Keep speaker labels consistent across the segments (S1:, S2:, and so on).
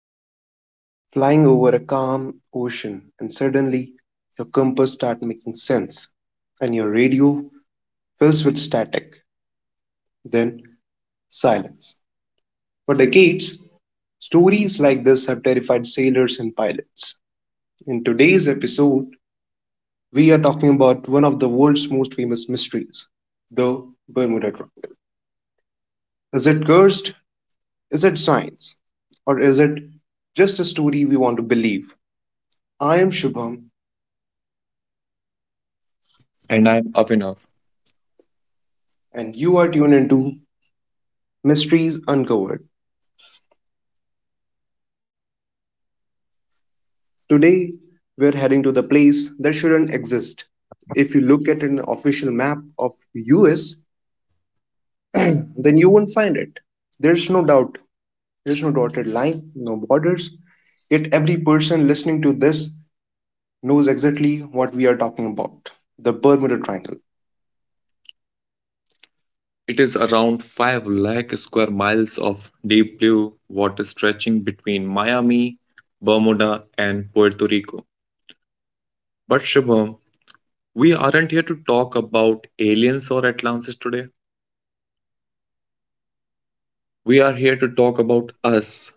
S1: Imagine flying over a calm ocean and suddenly your compass starts making sense and your radio fills with static, then silence. For decades, stories like this have terrified sailors and pilots. In today's episode, we are talking about one of the world's most famous mysteries, the Bermuda Triangle. Is it cursed? Is it science? Or is it just a story we want to believe? I am Shubham,
S2: And I'm up enough.
S1: and you are tuned into Mysteries Uncovered. Today, we're heading to the place that shouldn't exist. If you look at an official map of US, then you won't find it. There's no doubt. There's no dotted line, no borders. Yet every person listening to this knows exactly what we are talking about. The Bermuda Triangle.
S2: It is around 5 lakh square miles of deep blue water stretching between Miami, Bermuda, and Puerto Rico. But Shubham, we aren't here to talk about aliens or Atlantis today. We are here to talk about us.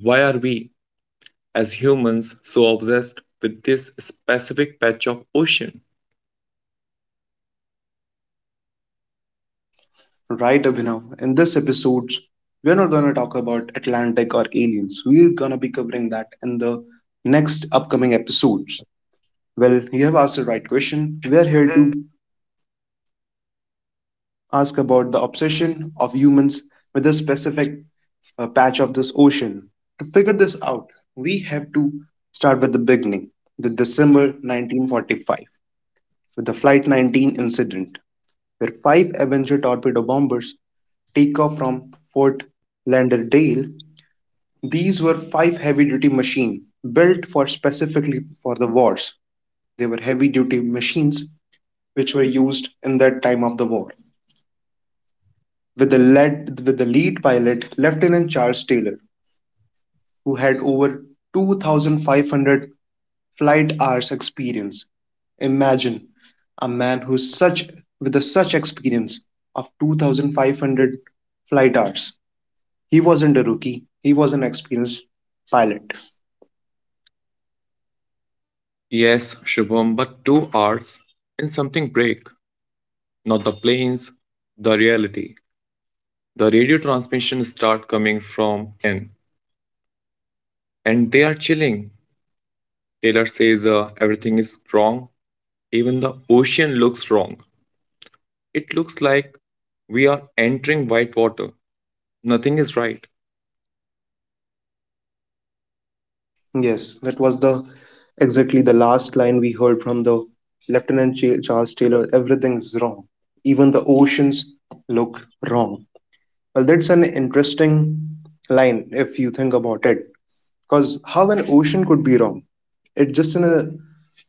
S2: Why are we, as humans, so obsessed with this specific patch of ocean?
S1: Right, Abhinav. In this episode, we're not gonna talk about Atlantic or aliens. We're gonna be covering that in the next upcoming episodes. Well, you have asked the right question. We are here to ask about the obsession of humans with a specific patch of this ocean. To figure this out, we have to start with the beginning, the December 1945, with the Flight 19 incident, where five Avenger torpedo bombers take off from Fort Lauderdale. These were five heavy-duty machines built for specifically for the wars. They were heavy-duty machines which were used in that time of the war. With the lead pilot Lieutenant Charles Taylor, who had over 2,500 flight hours experience. Imagine a man who's such with a such experience of 2,500 flight hours. He wasn't a rookie. He was an experienced pilot.
S2: Yes, Shubham, but 2 hours and something break, not the planes, the reality. The radio transmissions start coming from N, and they are chilling. Taylor says, everything is wrong, even the ocean looks wrong. It looks like we are entering white water. Nothing is right.
S1: Yes, that was the exactly the last line we heard from the Lieutenant Charles Taylor. Everything's wrong. Even the oceans look wrong. Well, that's an interesting line if you think about it. Because how an ocean could be wrong? It's just in a,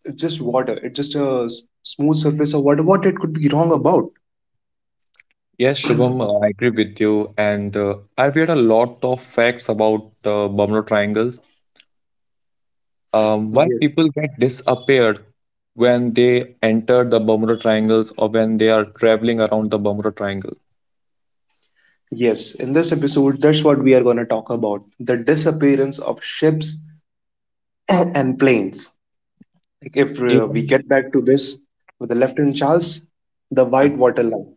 S1: it's just water. It's just a smooth surface of water. What it could be wrong about?
S2: Yes, Shubham, I agree with you. And I've heard a lot of facts about Bermuda triangles. Why
S1: Yes.
S2: people get disappeared when they enter the Bermuda triangles or when they are traveling around the Bermuda triangle.
S1: Yes. In this episode, that's what we are going to talk about: the disappearance of ships and planes. Like if we
S2: Even
S1: get back to this with the Lieutenant Charles, the
S2: yeah.
S1: white water line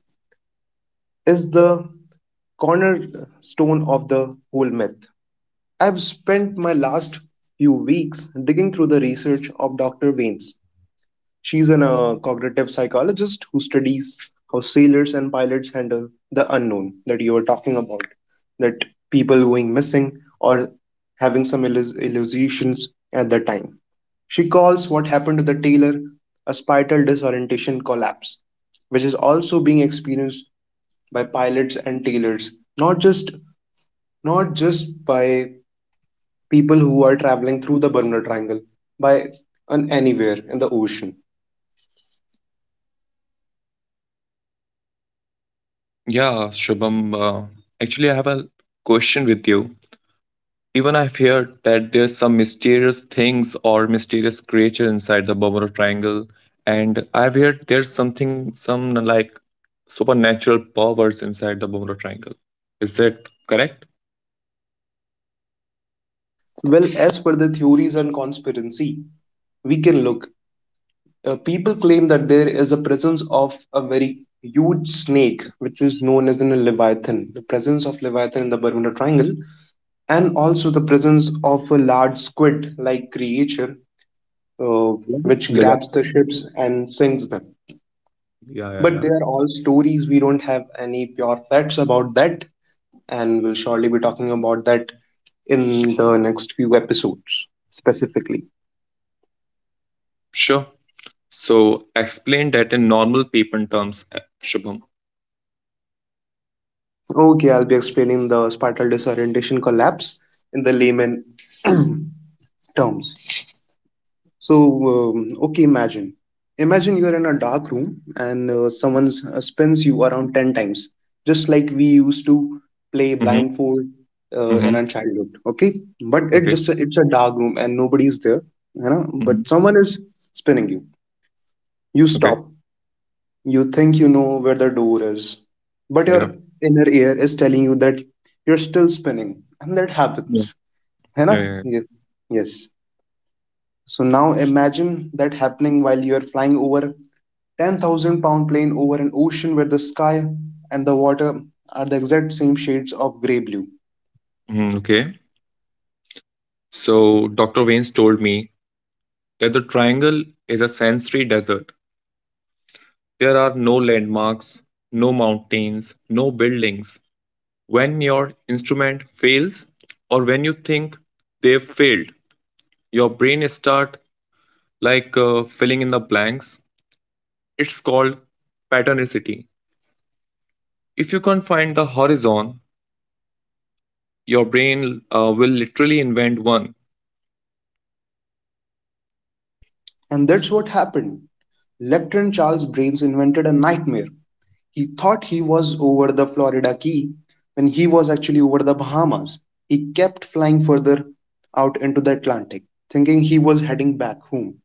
S1: is the cornerstone of the whole myth. I've spent my last few weeks digging through the research of Dr. Weems. She's an cognitive psychologist who studies how sailors and pilots handle the unknown that you were talking about, that people going missing or having some illusions at the time. She calls what happened to the tailor a spiral disorientation collapse, which is also being experienced by pilots and tailors, not just not just by people who are traveling through the Bermuda Triangle by on anywhere in the ocean.
S2: Yeah, Shubham. Actually, I have a question with you. Even I've heard that there's some mysterious things or mysterious creature inside the Bermuda Triangle, and I've heard there's something, some like supernatural powers inside the Bermuda Triangle. Is that correct?
S1: Well, as per the theories and conspiracy, we can look. People claim that there is a presence of a very huge snake, which is known as an leviathan. The presence of leviathan in the Bermuda Triangle, and also the presence of a large squid-like creature uh,
S2: Like
S1: which grabs the
S2: Leviathan?
S1: ships and sinks them.
S2: Yeah, yeah,
S1: But
S2: yeah.
S1: they are all stories. We don't have any pure facts about that. And we'll surely be talking about that in the next few episodes specifically.
S2: Sure. So explain that in normal people terms, Shubham.
S1: Okay, I'll be explaining the spiral disorientation collapse in the layman terms. So, okay, Imagine you're in a dark room and someone spins you around 10 times, just like we used to play
S2: Mm-hmm.
S1: blindfold in
S2: Mm-hmm.
S1: our childhood. Okay, but
S2: Okay.
S1: it's a dark room and nobody's there, you know.
S2: Mm-hmm.
S1: But someone is spinning you. You
S2: Okay.
S1: stop. You think you know where the door is, but your
S2: Yeah.
S1: inner ear is telling you that you're still spinning, and that
S2: Yeah.
S1: happens. है
S2: Yeah,
S1: ना?
S2: yeah.
S1: Yes. Yes. So now imagine that happening while you are flying over 10,000 pound plane over an ocean where the sky and the water are the exact same shades of grey blue.
S2: Mm, okay. So, Dr. Waynes told me that the triangle is a sensory desert. There are no landmarks, no mountains, no buildings. When your instrument fails, or when you think they've failed, your brain start like, filling in the blanks. It's called patternicity. If you can't find the horizon, your brain will literally invent one.
S1: And that's what happened. Lieutenant Charles Brains invented a nightmare. He thought he was over the Florida Key when he was actually over the Bahamas. He kept flying further out into the Atlantic, thinking he was heading back home.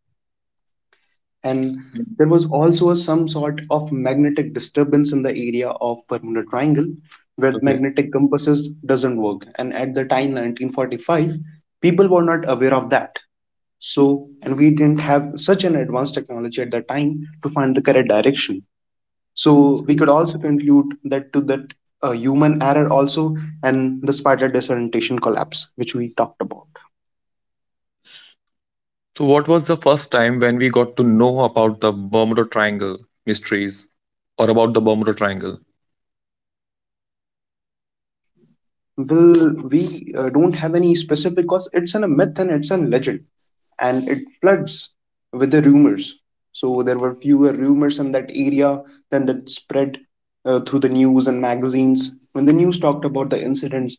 S1: And there was also some sort of magnetic disturbance in the area of Bermuda Triangle where
S2: Okay.
S1: magnetic compasses doesn't work. And at the time 1945, people were not aware of that. So, and we didn't have such an advanced technology at that time to find the correct direction. So we could also conclude that to that human error also and the spider disorientation collapse, which we talked about.
S2: So, what was the first time when we got to know about the Bermuda Triangle mysteries or about the Bermuda Triangle?
S1: Well, we don't have any specific cause. A myth and it's a legend, and it floods with the rumors. So there were fewer rumors in that area than that spread through the news and magazines. When the news talked about the incidents,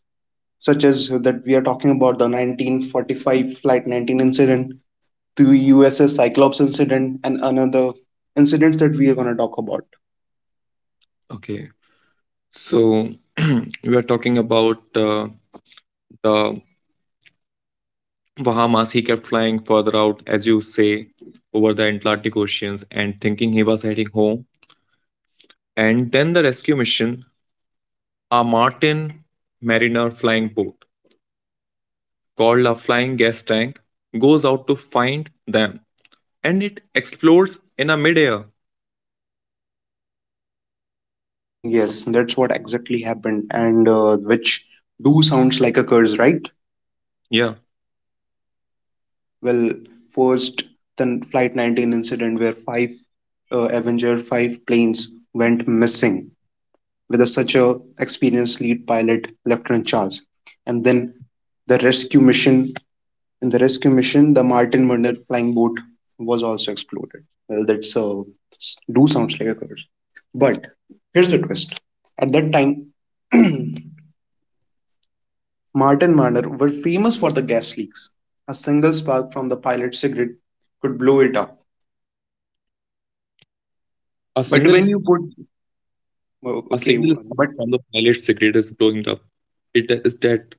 S1: such as that we are talking about the 1945 Flight 19 incident, the USS Cyclops incident and another incidents that we are going to talk about.
S2: Okay. So, we were talking about the Bahamas. He kept flying further out, as you say, over the Atlantic Oceans and thinking he was heading home. And then the rescue mission, a Martin Mariner flying boat called a flying gas tank, goes out to find them and it explodes in a midair.
S1: Yes, that's what exactly happened, and which do sounds like a curse, right?
S2: Yeah.
S1: Well, first, the Flight 19 incident where five Avenger 5 planes went missing with such a experienced lead pilot, Lieutenant Charles. And then the rescue mission. In the rescue mission, the Martin Munder flying boat was also exploded. Well, that's do sounds like a curse. But here's the twist. At that time, Martin Munder were famous for the gas leaks. A single spark from the pilot's cigarette could blow it up.
S2: A
S1: But
S2: single
S1: when you put oh,
S2: A
S1: okay,
S2: single spark
S1: but
S2: from the pilot's cigarette is blowing up. It is dead.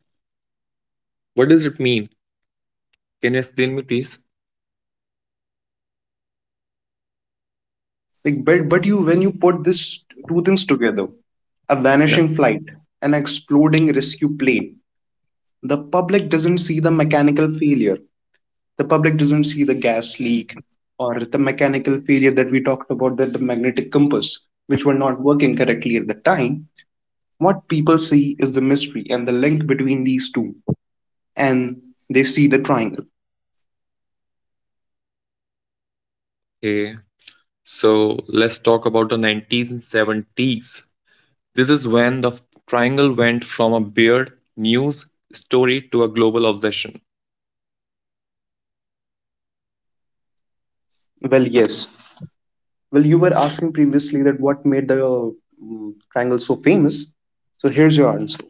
S2: What does it mean? Can you explain me, please?
S1: like but you when you put these two things together, a
S2: Yeah.
S1: vanishing flight, an exploding rescue plane, the public doesn't see the mechanical failure. The public doesn't see the gas leak or the mechanical failure that we talked about, that the magnetic compass which were not working correctly at the time, what people see is the mystery and the link between these two, and they see the triangle.
S2: Okay, so let's talk about the 1970s. This is when the triangle went from a weird news story to a global obsession.
S1: Well, yes, well, you were asking previously that what made the triangle so famous, so here's your answer.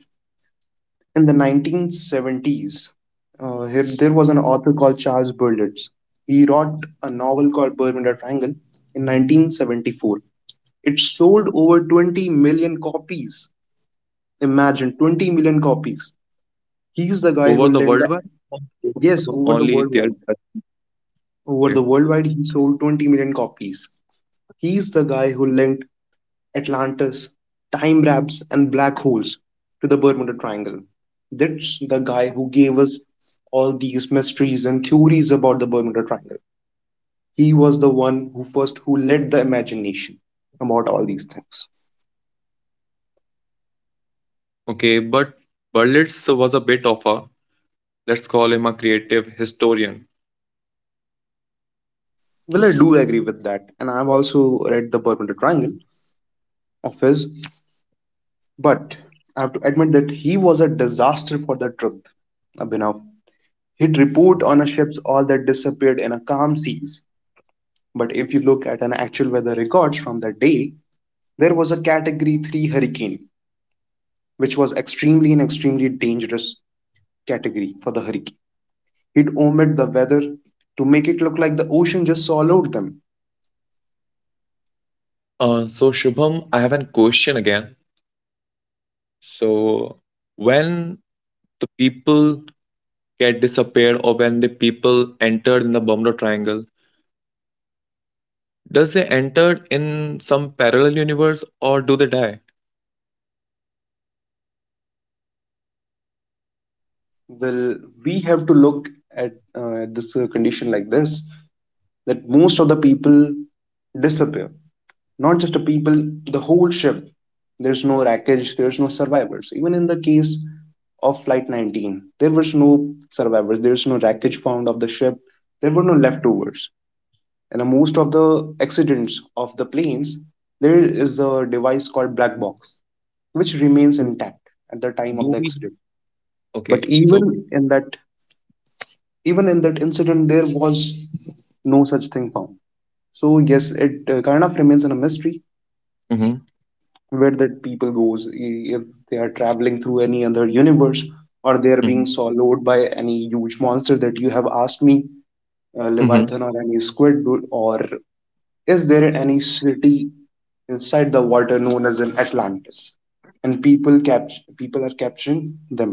S1: In the 1970s, there was an author called Charles Berlitz. He wrote a novel called Bermuda Triangle in 1974. It sold over 20 million copies. Imagine 20 million copies.
S2: Over the
S1: He's the
S2: worldwide,
S1: guy who lent the
S2: it was
S1: Yes,
S2: only there.
S1: over the worldwide.
S2: Okay,
S1: Over the worldwide, he sold 20 million copies. He's the guy who linked Atlantis, time wraps, and black holes to the Bermuda Triangle. That's the guy who gave us all these mysteries and theories about the Bermuda Triangle. He was the one who led the imagination about all these things.
S2: okay, but Berlitz was a bit of a, let's call him a creative historian.
S1: Well, I do agree with that, and I've also read The Bermuda Triangle of his, but I have to admit that he was a disaster for the truth. Abhinav. He'd report on a ship's all that disappeared in a calm seas. But if you look at an actual weather records from the day, there was a category 3 hurricane, which was extremely and extremely dangerous category for the hurricane. He'd omit the weather to make it look like the ocean just swallowed them.
S2: So Shubham, I have a question again. So when the people get disappeared or when the people entered in the Bermuda Triangle, does they enter in some parallel universe or do they die?
S1: Well, we have to look at this condition like this that most of the people disappear. Not just the people, the whole ship. There's no wreckage, there's no survivors. Even in the case of Flight 19, there was no survivors, there's no wreckage found of the ship, there were no leftovers. And most of the accidents of the planes, there is a device called black box, which remains
S2: Do
S1: intact at the time
S2: do
S1: of the
S2: we?
S1: accident.
S2: Okay,
S1: But
S2: so.
S1: even in that incident there was no such thing found. So yes, it kind of remains in a mystery
S2: Hmm.
S1: where that people goes, if they are traveling through any other universe or they are being
S2: Hmm.
S1: swallowed by any huge monster that you have asked me,
S2: Hmm.
S1: leviathan or any squid dude, or is there any city inside the water known as an atlantis and people are capturing them.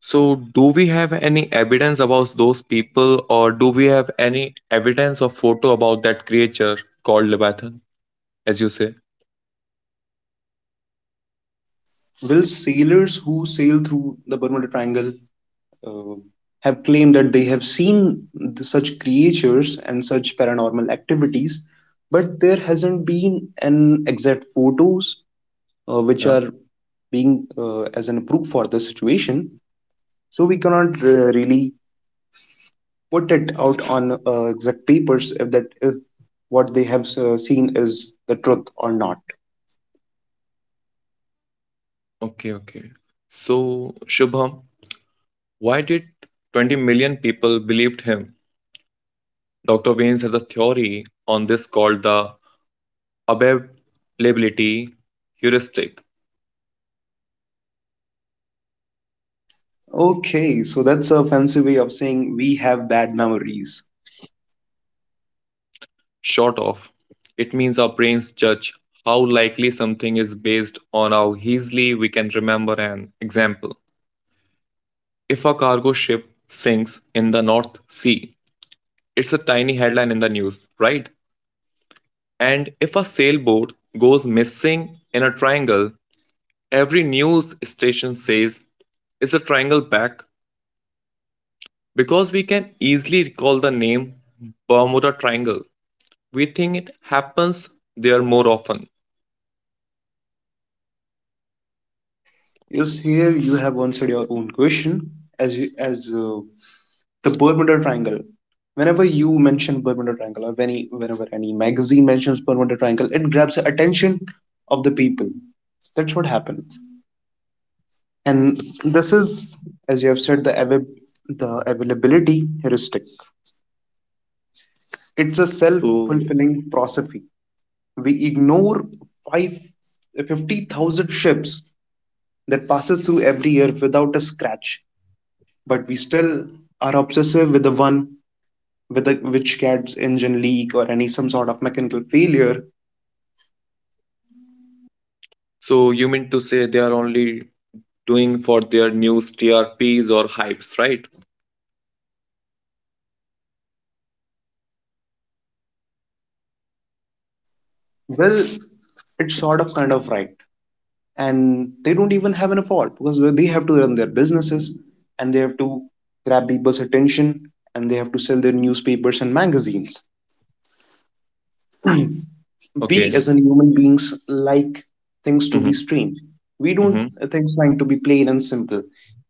S2: So, do we have any evidence about those people, or do we have any evidence or photo about that creature called Leviathan, as you say?
S1: Will sailors who sail through the bermuda triangle uh, have claimed that they have seen such creatures and such paranormal activities, but there hasn't been an exact photos which
S2: Yeah.
S1: are being as an proof for the situation. So we cannot really put it out on exact papers if that if what they have seen is the truth or not.
S2: Okay, okay. So, Shubham, why did 20 million people believed him? Dr. Waynes has a theory on this called the availability heuristic,
S1: Okay, so that's a fancy way of saying we have bad memories.
S2: short of. It means our brains judge how likely something is based on how easily we can remember an example. If a cargo ship sinks in the North Sea, it's a tiny headline in the news, right? And if a sailboat goes missing in a triangle, every news station says, "Is the triangle back?" Because we can easily recall the name Bermuda Triangle, we think it happens there more often.
S1: Yes, here you have answered your own question. As you, as The Bermuda Triangle. Whenever you mention Bermuda Triangle, or any whenever any magazine mentions Bermuda Triangle, it grabs the attention of the people. That's what happens. And this is, as you have said, the the availability heuristic. It's a self-fulfilling prophecy. We ignore five 50,000 ships that passes through every year without a scratch, but we still are obsessive with the one with the which gets engine leak or any some sort of mechanical failure.
S2: So, you mean to say they are only doing for their news TRPs or hypes, right?
S1: Well, it's sort of kind of right. And they don't even have an fault because they have to run their businesses and they have to grab people's attention and they have to sell their newspapers and magazines. We
S2: Okay.
S1: as an human beings like things to be
S2: Mm-hmm.
S1: strange. We don't
S2: Mm-hmm.
S1: things like to be plain and simple.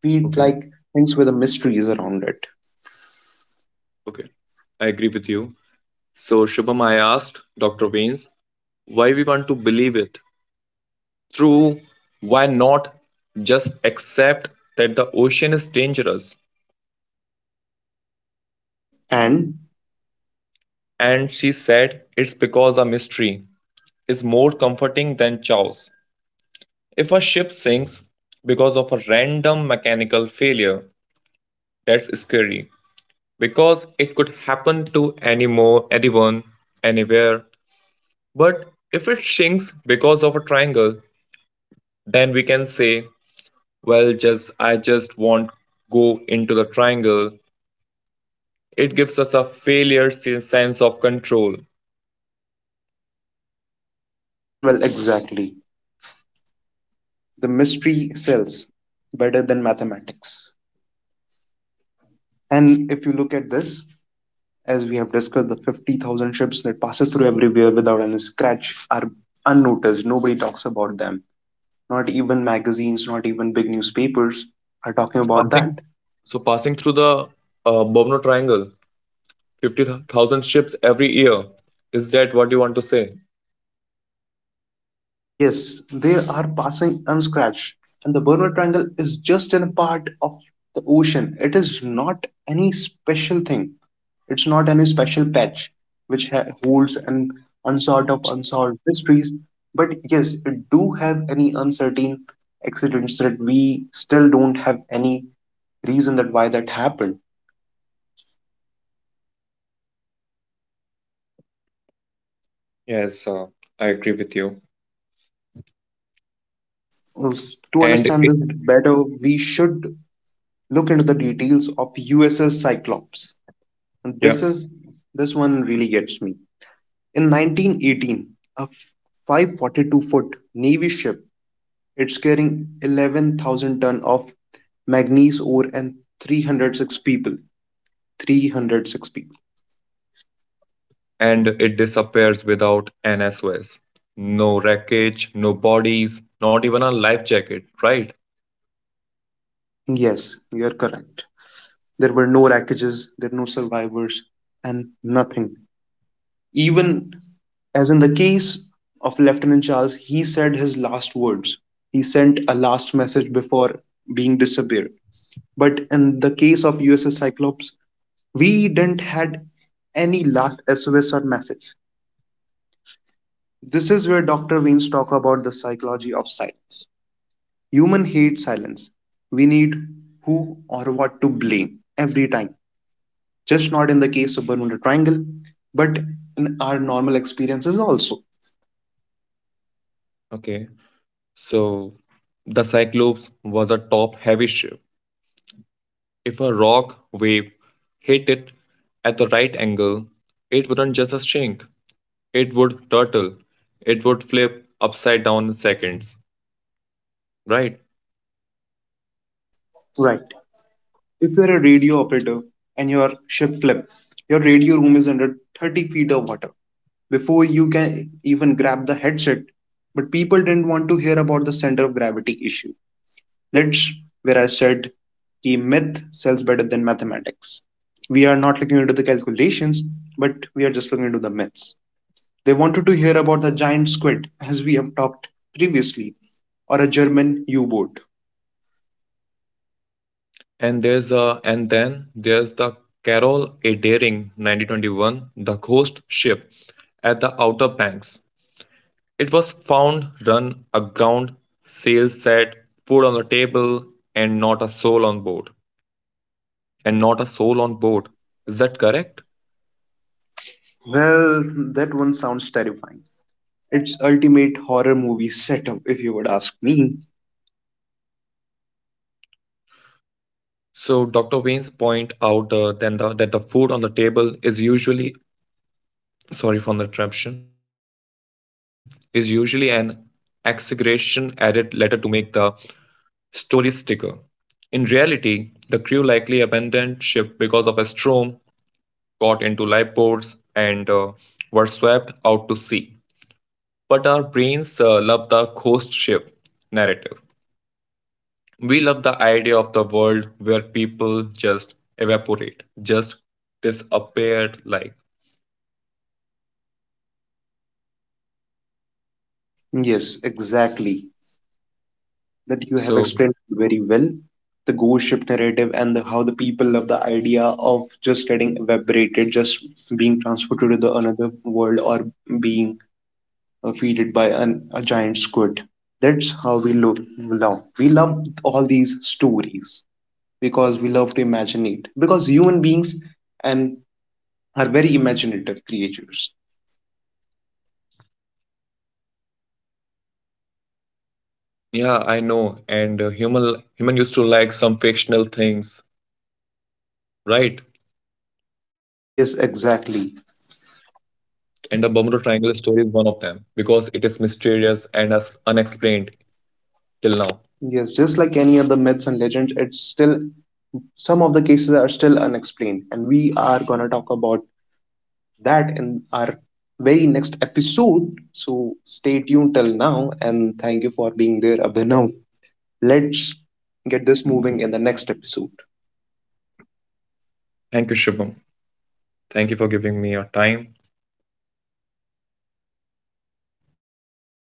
S1: We
S2: Okay.
S1: like things with a mysteries around it.
S2: Okay. I agree with you. So, Shubham, I asked Dr. Veins why we want to believe it. Through why not just accept that the ocean is dangerous?
S1: And
S2: And she said it's because a mystery is more comforting than chaos. If a ship sinks because of a random mechanical failure, that's scary because it could happen to any more anyone, anywhere. But if it sinks because of a triangle, then we can say, well, just I just won't go into the triangle. It gives us a failure sen- sense of control. So
S1: well, exactly, the mystery sells better than mathematics. And if you look at this, as we have discussed, the 50,000 ships that passes through everywhere without any scratch are unnoticed. Nobody talks about them. Not even magazines, not even big newspapers are talking about
S2: passing,
S1: that.
S2: so passing through the Bermuda Triangle 50,000 ships every year. Is that what you want to say?
S1: Yes, they are passing unscratched. And the Bermuda Triangle is just a part of the ocean. It is not any special thing. It's not any special patch which holds an unsort of unsolved mysteries. But yes, it do have any uncertain accidents that we still don't have any reason that why that happened.
S2: Yes, I agree with you. And it,
S1: To understand this better, we should look into the details of USS Cyclops.
S2: yeah,
S1: This is this one really gets me. In 1918, a f- 542-foot Navy ship, it's carrying 11,000 ton of manganese ore and 306 people. 306 people.
S2: and it disappears without an SOS. No wreckage, no bodies, not even a life jacket, right?
S1: Yes, you are correct. There were no wreckages, there were no survivors, and nothing. Even as in the case of Lieutenant Charles, he said his last words. He sent a last message before being disappeared. But in the case of USS Cyclops, we didn't had any last SOS or message. This is where Dr. Weins talk about the psychology of silence. Human hate silence. We need who or what to blame every time. Just not in the case of Bermuda Triangle, but in our normal experiences also.
S2: Okay. So the Cyclops was a top heavy ship. If a rock wave hit it at the right angle, it wouldn't just shrink, it would turtle, it would flip upside down in seconds, right?
S1: Right. If you're a radio operator and your ship flips, your radio room is under 30 feet of water before you can even grab the headset. But people didn't want to hear about the center of gravity issue. That's where I said the myth sells better than mathematics. We are not looking into the calculations, but we are just looking into the myths. They wanted to hear about the giant squid, as we have talked previously, or a German U boat.
S2: And then there's the Carol A. Daring 1921, the Ghost Ship at the Outer Banks. It was found run aground, sails set, food on the table, and not a soul on board. And not a soul on board. Is that correct?
S1: Well, that one sounds terrifying. It's ultimate horror movie setup, if you would ask me.
S2: So Dr. Wayne's point out, that the food on the table is usually, sorry for the interruption, is usually an exaggeration added later to make the story sticker. In reality, the crew likely abandoned ship because of a storm, got into lifeboats, and were swept out to sea. But our brains love the ghost ship narrative. We love the idea of the world where people just evaporate, just disappear like.
S1: Yes, exactly. That you have
S2: So,
S1: explained very well. The ghost ship narrative and how the people love the idea of just getting evaporated, just being transported to the another world or being feeded by a giant squid. That's how we love. We love all these stories because we love to imagine it. Because human beings and are very imaginative creatures.
S2: yeah, I know. And human used to like some fictional things, right?
S1: Yes,
S2: And the
S1: exactly.
S2: Bermuda Triangle story is one of them because it is mysterious and as unexplained till now.
S1: Yes, just like any other myths and legends, it's still some of the cases are still unexplained, and we are gonna talk about that in our very next episode. So stay tuned till now, and thank you for being there, Abhinav. Let's get this moving in the next episode.
S2: Thank you, Shubham. Thank you for giving me your time.